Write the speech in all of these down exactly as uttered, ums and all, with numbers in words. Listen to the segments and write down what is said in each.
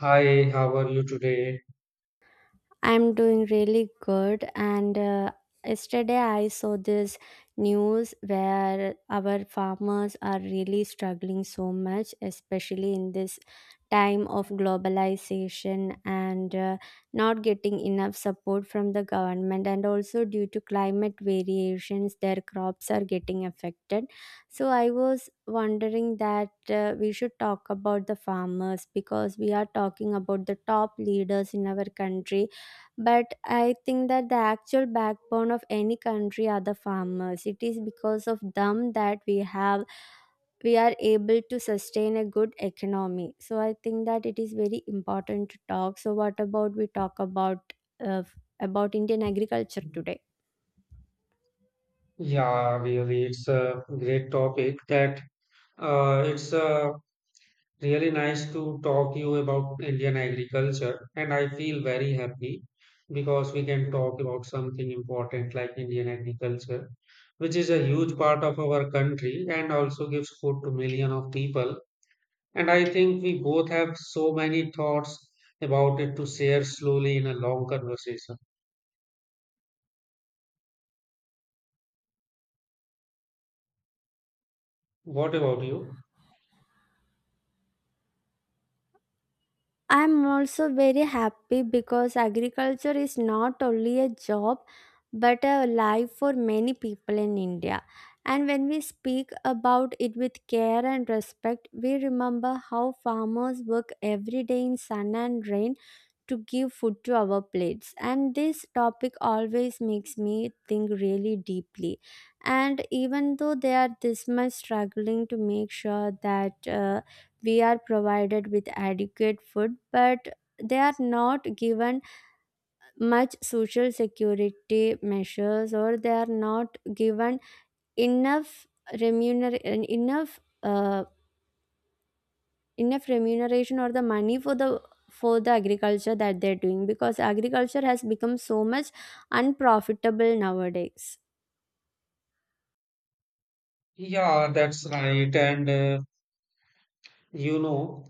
Hi, how are you today? I'm doing really good. And uh, Yesterday I saw this news where our farmers are really struggling so much, especially in this time of globalization and uh, not getting enough support from the government. And also, due to climate variations, their crops are getting affected. So, I was wondering that uh, we should talk about the farmers because we are talking about the top leaders in our country, but I think that the actual backbone of any country are the farmers. It is because of them that we have we are able to sustain a good economy. So I think that it is very important to talk. So what about we talk about uh, about Indian agriculture today? Yeah, really, it's a great topic that uh, it's uh, really nice to talk you about Indian agriculture, and I feel very happy because we can talk about something important like Indian agriculture, which is a huge part of our country and also gives food to million of people. And I think we both have so many thoughts about it to share slowly in a long conversation. What about you? I'm also very happy because agriculture is not only a job but a life for many people in India. And when we speak about it with care and respect, we remember how farmers work every day in sun and rain to give food to our plates, and this topic always makes me think really deeply. And even though they are this much struggling to make sure that uh, we are provided with adequate food, but they are not given much social security measures, or they are not given enough remuner enough uh, enough remuneration or the money for the for the agriculture that they're doing because agriculture has become so much unprofitable nowadays. Yeah, that's right. And uh, you know,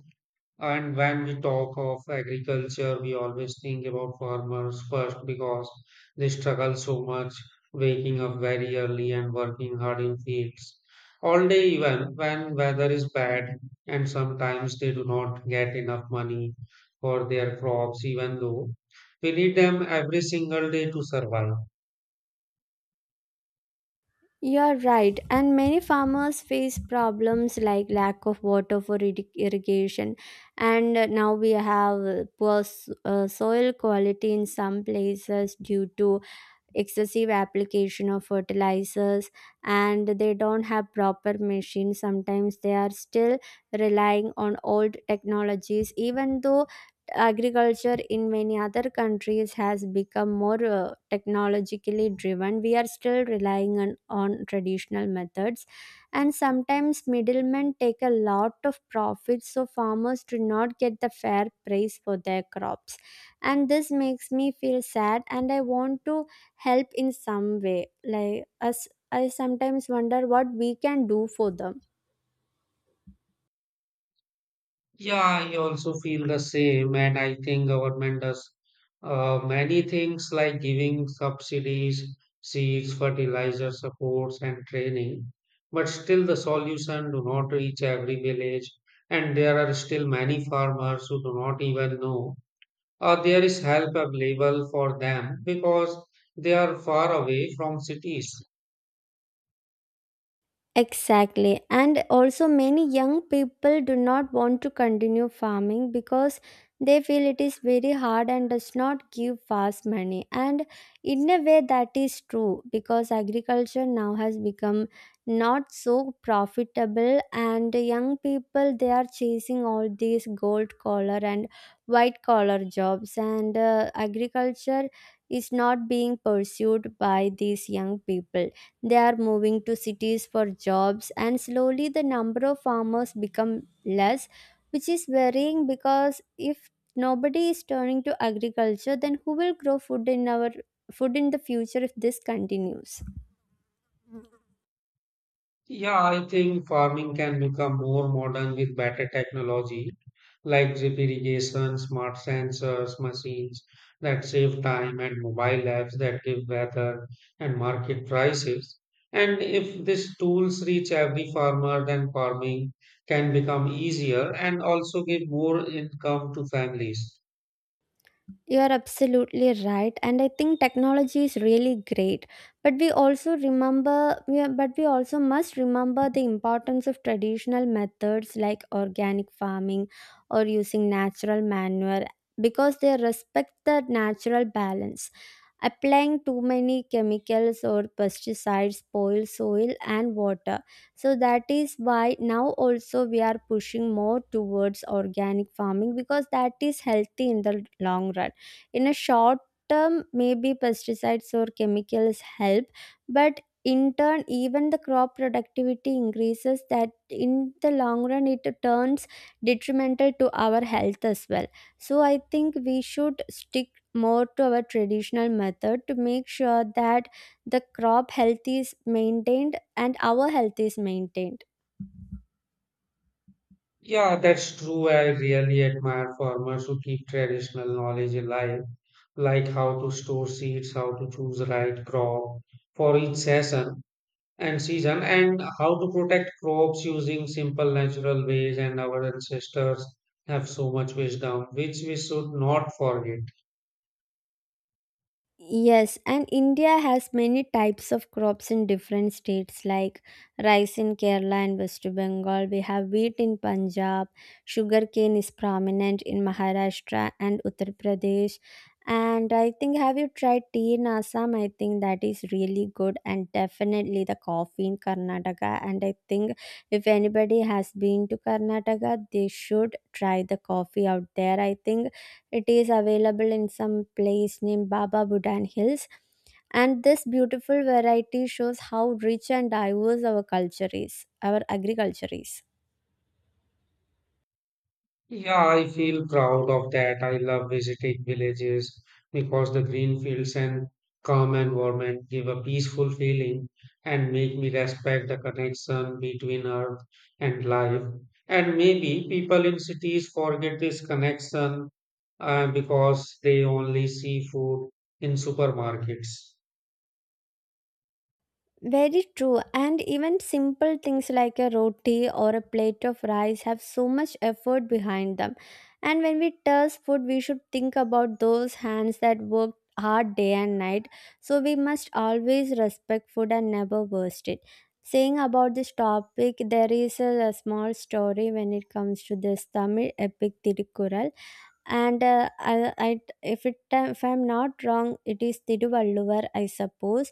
and when we talk of agriculture, we always think about farmers first because they struggle so much, waking up very early and working hard in fields all day, even when weather is bad, and sometimes they do not get enough money for their crops, even though we need them every single day to survive. You're right, and many farmers face problems like lack of water for irri- irrigation. And now we have poor s- uh, soil quality in some places due to excessive application of fertilizers, and they don't have proper machines. Sometimes they are still relying on old technologies. Even though agriculture in many other countries has become more uh, technologically driven, we are still relying on, on traditional methods. And sometimes middlemen take a lot of profits, so farmers do not get the fair price for their crops. And this makes me feel sad, and I want to help in some way. Like us, I sometimes wonder what we can do for them. Yeah, I also feel the same, and I think government does uh, many things like giving subsidies, seeds, fertilizer supports, and training. But still, the solution do not reach every village, and there are still many farmers who do not even know or there is help available for them because they are far away from cities. Exactly. And also, many young people do not want to continue farming because they feel it is very hard and does not give fast money. And in a way, that is true because agriculture now has become not so profitable, and young people, they are chasing all these gold collar and white collar jobs, and uh, agriculture is not being pursued by these young people. They are moving to cities for jobs, and slowly the number of farmers become less, which is worrying because if nobody is turning to agriculture, then who will grow food in our food in the future if this continues? Yeah, I think farming can become more modern with better technology like drip irrigation, smart sensors, machines that save time, and mobile apps that give weather and market prices. And if these tools reach every farmer, then farming can become easier and also give more income to families. You are absolutely right, and I think technology is really great. But we also remember, we are- but we also must remember the importance of traditional methods like organic farming or using natural manure because they respect the natural balance. Applying too many chemicals or pesticides spoil soil and water. So that is why now also we are pushing more towards organic farming because that is healthy in the long run. In a short term, maybe pesticides or chemicals help, but in turn, even the crop productivity increases, that in the long run it turns detrimental to our health as well. So I think we should stick more to our traditional method to make sure that the crop health is maintained and our health is maintained. Yeah, that's true. I really admire farmers who keep traditional knowledge alive, like how to store seeds, how to choose right crop for each season and season, and how to protect crops using simple natural ways. And our ancestors have so much wisdom, which we should not forget. Yes, and India has many types of crops in different states, like rice in Kerala and West Bengal. We have wheat in Punjab, sugarcane is prominent in Maharashtra and Uttar Pradesh. And I think, have you tried tea in Assam? I think that is really good, and definitely the coffee in Karnataka. And I think if anybody has been to Karnataka, they should try the coffee out there. I think it is available in some place named Baba Budan Hills. And this beautiful variety shows how rich and diverse our culture is, our agriculture is. Yeah, I feel proud of that. I love visiting villages because the green fields and calm environment give a peaceful feeling and make me respect the connection between earth and life. And maybe people in cities forget this connection uh, because they only see food in supermarkets. Very true. And even simple things like a roti or a plate of rice have so much effort behind them. And when we taste food, we should think about those hands that worked hard day and night. So we must always respect food and never waste it. Saying about this topic, there is a, a small story when it comes to this Tamil epic Tirukkural. And uh, I, I, if, it, if I'm not wrong, it is Tiruvalluvar, I suppose.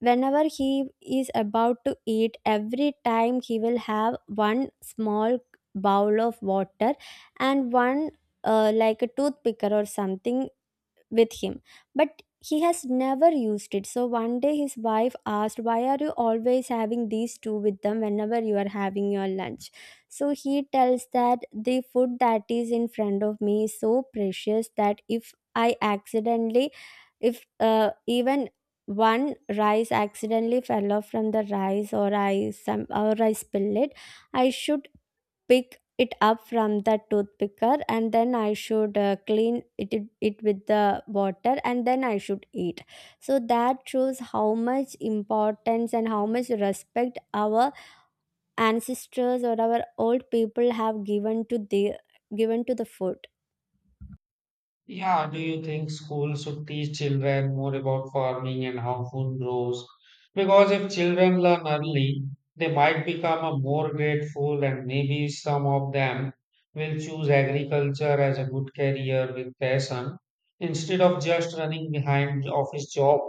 Whenever he is about to eat, every time he will have one small bowl of water and one uh, like a toothpicker or something with him, but he has never used it. So one day his wife asked, why are you always having these two with them whenever you are having your lunch? So he tells that the food that is in front of me is so precious that if i accidentally if uh, even one rice accidentally fell off from the rice or i some or I spill it, I should pick it up from the toothpicker, and then I should uh, clean it, it it with the water, and then I should eat. So that shows how much importance and how much respect our ancestors or our old people have given to the given to the food. Yeah, do you think schools should teach children more about farming and how food grows? Because if children learn early, they might become a more grateful and maybe some of them will choose agriculture as a good career with passion instead of just running behind the office job.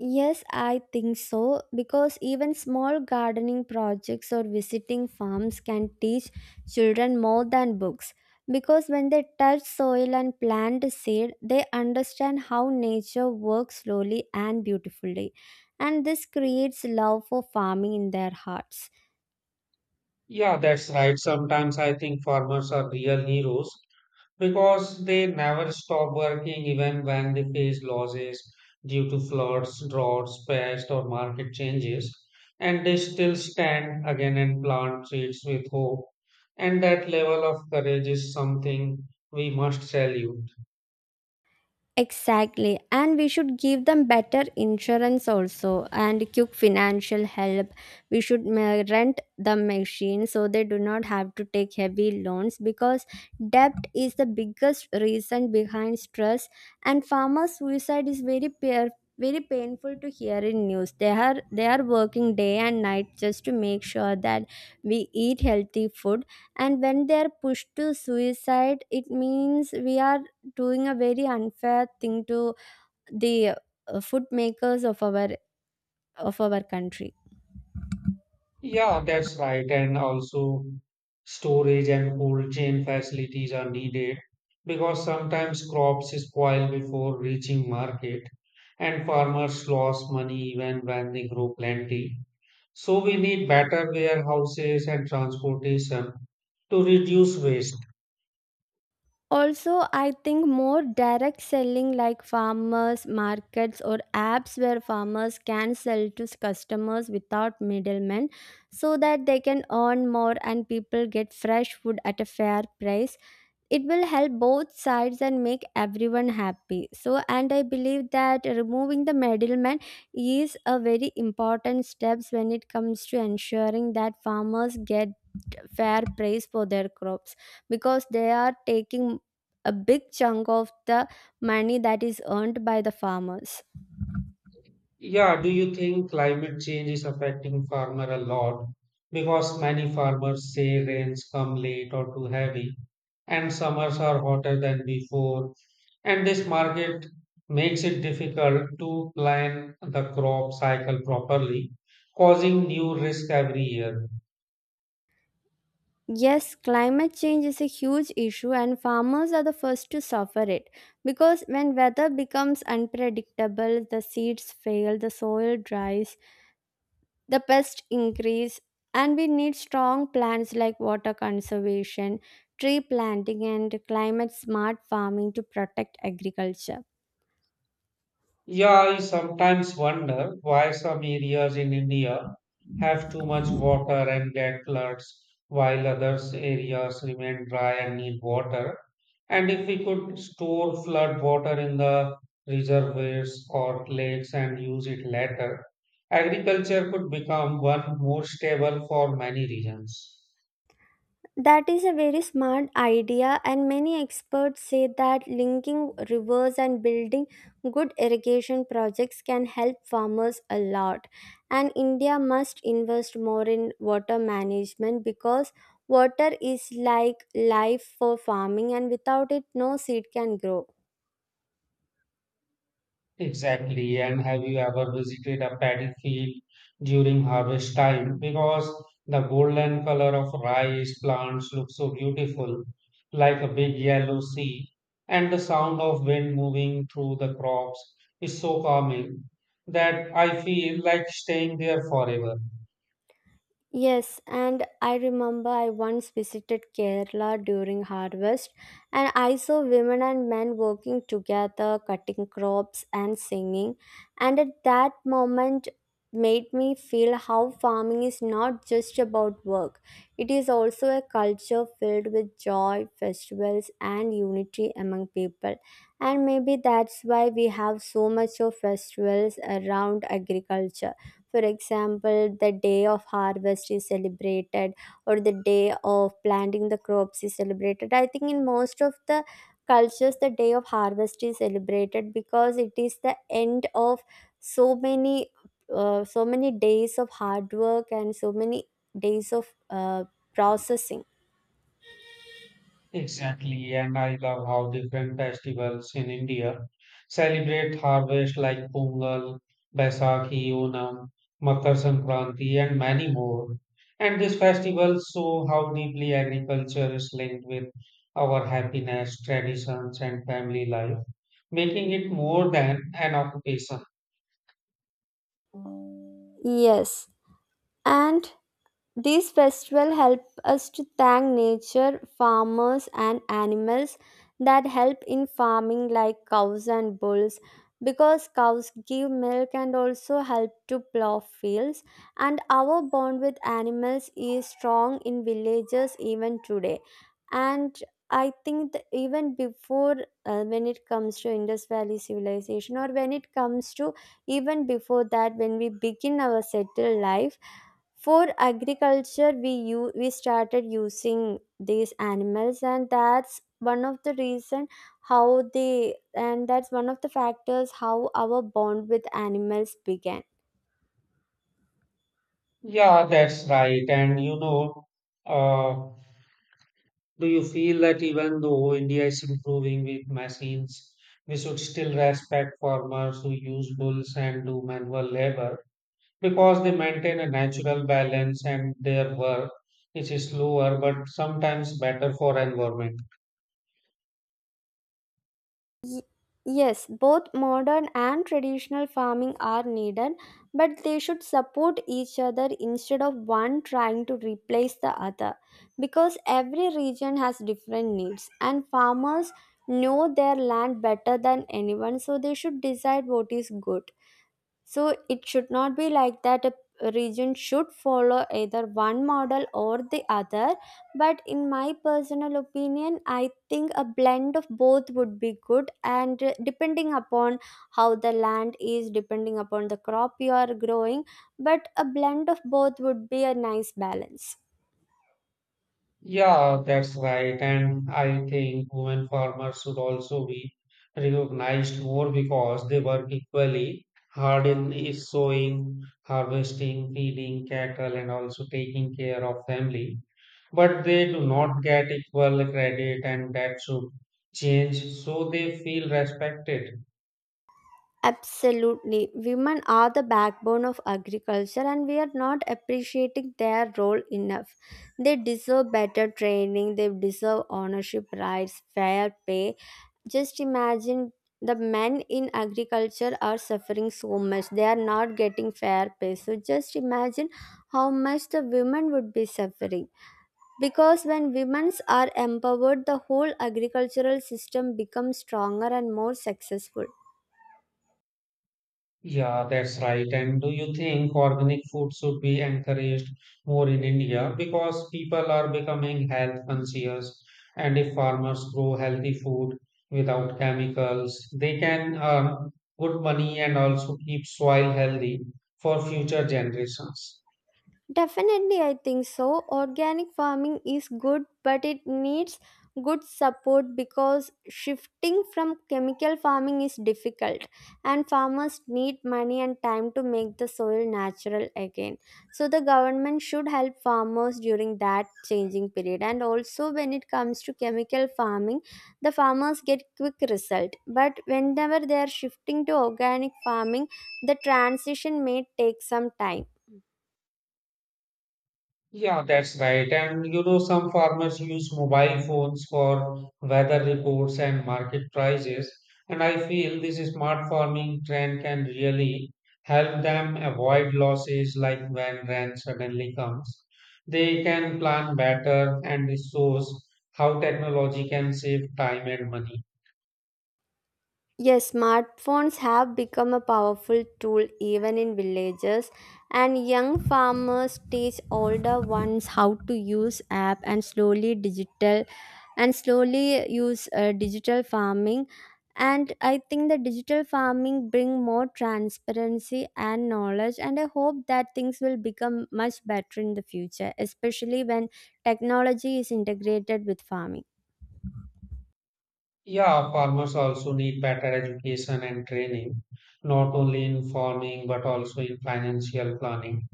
Yes, I think so, because even small gardening projects or visiting farms can teach children more than books. Because when they touch soil and plant a seed, they understand how nature works slowly and beautifully. And this creates love for farming in their hearts. Yeah, that's right. Sometimes I think farmers are real heroes because they never stop working even when they face losses due to floods, droughts, pests, or market changes. And they still stand again and plant seeds with hope. And that level of courage is something we must salute. Exactly, and we should give them better insurance also and quick financial help. We should ma- rent the machine so they do not have to take heavy loans, because debt is the biggest reason behind stress. And farmer suicide is very pair very painful to hear in news. They are they are working day and night just to make sure that we eat healthy food. And when they are pushed to suicide, it means we are doing a very unfair thing to the uh, food makers of our of our country. Yeah, that's right. And also, storage and cold chain facilities are needed because sometimes crops spoil before reaching market and farmers lose money even when they grow plenty. So, we need better warehouses and transportation to reduce waste. Also, I think more direct selling, like farmers markets or apps where farmers can sell to customers without middlemen, so that they can earn more and people get fresh food at a fair price. It will help both sides and make everyone happy. So, and I believe that removing the middleman is a very important steps when it comes to ensuring that farmers get fair price for their crops, because they are taking a big chunk of the money that is earned by the farmers. Yeah, do you think climate change is affecting farmer a lot? Because many farmers say rains come late or too heavy, and summers are hotter than before, and this market makes it difficult to plan the crop cycle properly, causing new risk every year. Yes, climate change is a huge issue, and farmers are the first to suffer it. Because when weather becomes unpredictable, the seeds fail, the soil dries, the pests increase, and we need strong plans like water conservation, tree planting, and climate smart farming to protect agriculture. Yeah, I sometimes wonder why some areas in India have too much water and get floods, while others areas remain dry and need water. And if we could store flood water in the reservoirs or lakes and use it later, agriculture could become one more stable for many regions. That is a very smart idea, and many experts say that linking rivers and building good irrigation projects can help farmers a lot. And India must invest more in water management because water is like life for farming, and without it, no seed can grow. Exactly. And have you ever visited a paddy field during harvest time? Because the golden color of rice plants look so beautiful, like a big yellow sea, and the sound of wind moving through the crops is so calming that I feel like staying there forever. Yes, and I remember I once visited Kerala during harvest, and I saw women and men working together, cutting crops and singing. And at that moment, made me feel how farming is not just about work, it is also a culture filled with joy, festivals, and unity among people. And maybe that's why we have so much of festivals around agriculture. For example, the day of harvest is celebrated, or the day of planting the crops is celebrated. I think in most of the cultures, the day of harvest is celebrated because it is the end of so many. Uh, so many days of hard work and so many days of uh, processing. Exactly, and I love how different festivals in India celebrate harvest like Pongal, Baisakhi, Onam, Makar Sankranti, and many more. And these festivals show how deeply agriculture is linked with our happiness, traditions, and family life, making it more than an occupation. Yes, and These festivals help us to thank nature, farmers, and animals that help in farming, like cows and bulls, because cows give milk and also help to plow fields. And our bond with animals is strong in villages even today. And I think that even before uh, when it comes to Indus Valley civilization, or when it comes to even before that, when we begin our settled life for agriculture, we u- we started using these animals, and that's one of the reason how they and that's one of the factors how our bond with animals began. Yeah, that's right. And you know, uh, Do you feel that even though India is improving with machines, we should still respect farmers who use bulls and do manual labor because they maintain a natural balance and their work is slower but sometimes better for environment. Ye- Yes, both modern and traditional farming are needed, but they should support each other instead of one trying to replace the other, because every region has different needs, and farmers know their land better than anyone, so they should decide what is good. So it should not be like that a region should follow either one model or the other. But in my personal opinion, I think a blend of both would be good. And uh, depending upon how the land is, depending upon the crop you are growing, but a blend of both would be a nice balance. Yeah, that's right. And I think women farmers should also be recognized more because they work equally hard in is sowing, harvesting, feeding cattle, and also taking care of family. But they do not get equal credit and that should change so they feel respected. Absolutely. Women are the backbone of agriculture, and we are not appreciating their role enough. They deserve better training, they deserve ownership rights, fair pay. Just imagine, the men in agriculture are suffering so much. They are not getting fair pay. So just imagine how much the women would be suffering. Because when women are empowered, the whole agricultural system becomes stronger and more successful. Yeah, that's right. And do you think organic food should be encouraged more in India because people are becoming health conscious and if farmers grow healthy food without chemicals, they can earn good money and also keep soil healthy for future generations. Definitely, I think so. Organic farming is good, but it needs good support because shifting from chemical farming is difficult, and farmers need money and time to make the soil natural again. So, the government should help farmers during that changing period. And also, when it comes to chemical farming, the farmers get quick result, but whenever they are shifting to organic farming, the transition may take some time. Yeah, that's right. And you know, some farmers use mobile phones for weather reports and market prices. And I feel this smart farming trend can really help them avoid losses like when rain suddenly comes. They can plan better and it shows how technology can save time and money. Yes, smartphones have become a powerful tool even in villages, and young farmers teach older ones how to use app, and slowly digital and slowly use uh, digital farming. And I think the digital farming bring more transparency and knowledge, and I hope that things will become much better in the future, especially when technology is integrated with farming. Yeah, farmers also need better education and training, not only in farming but also in financial planning,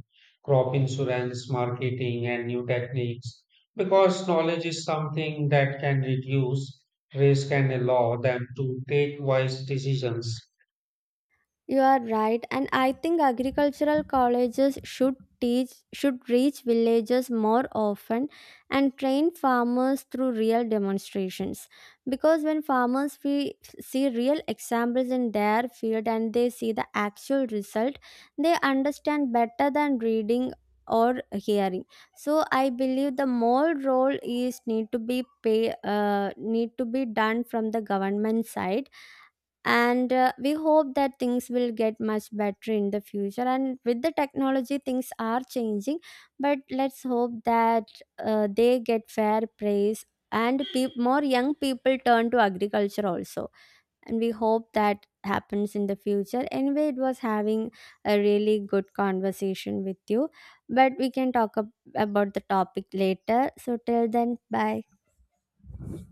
crop insurance, marketing, and new techniques. Because knowledge is something that can reduce risk and allow them to take wise decisions. You are right, and I think agricultural colleges should teach should reach villages more often and train farmers through real demonstrations. Because when farmers we see real examples in their field and they see the actual result, they understand better than reading or hearing. So I believe the more role is need to be pay uh, need to be done from the government side. And uh, we hope that things will get much better in the future, and with the technology things are changing. But let's hope that uh, they get fair praise, and peop more young people turn to agriculture also. And we hope that happens in the future. Anyway, it was having a really good conversation with you, but we can talk ab- about the topic later. So till then, bye.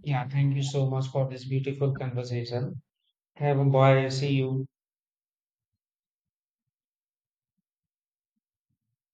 Yeah, thank you so much for this beautiful conversation. Have a bye. See you.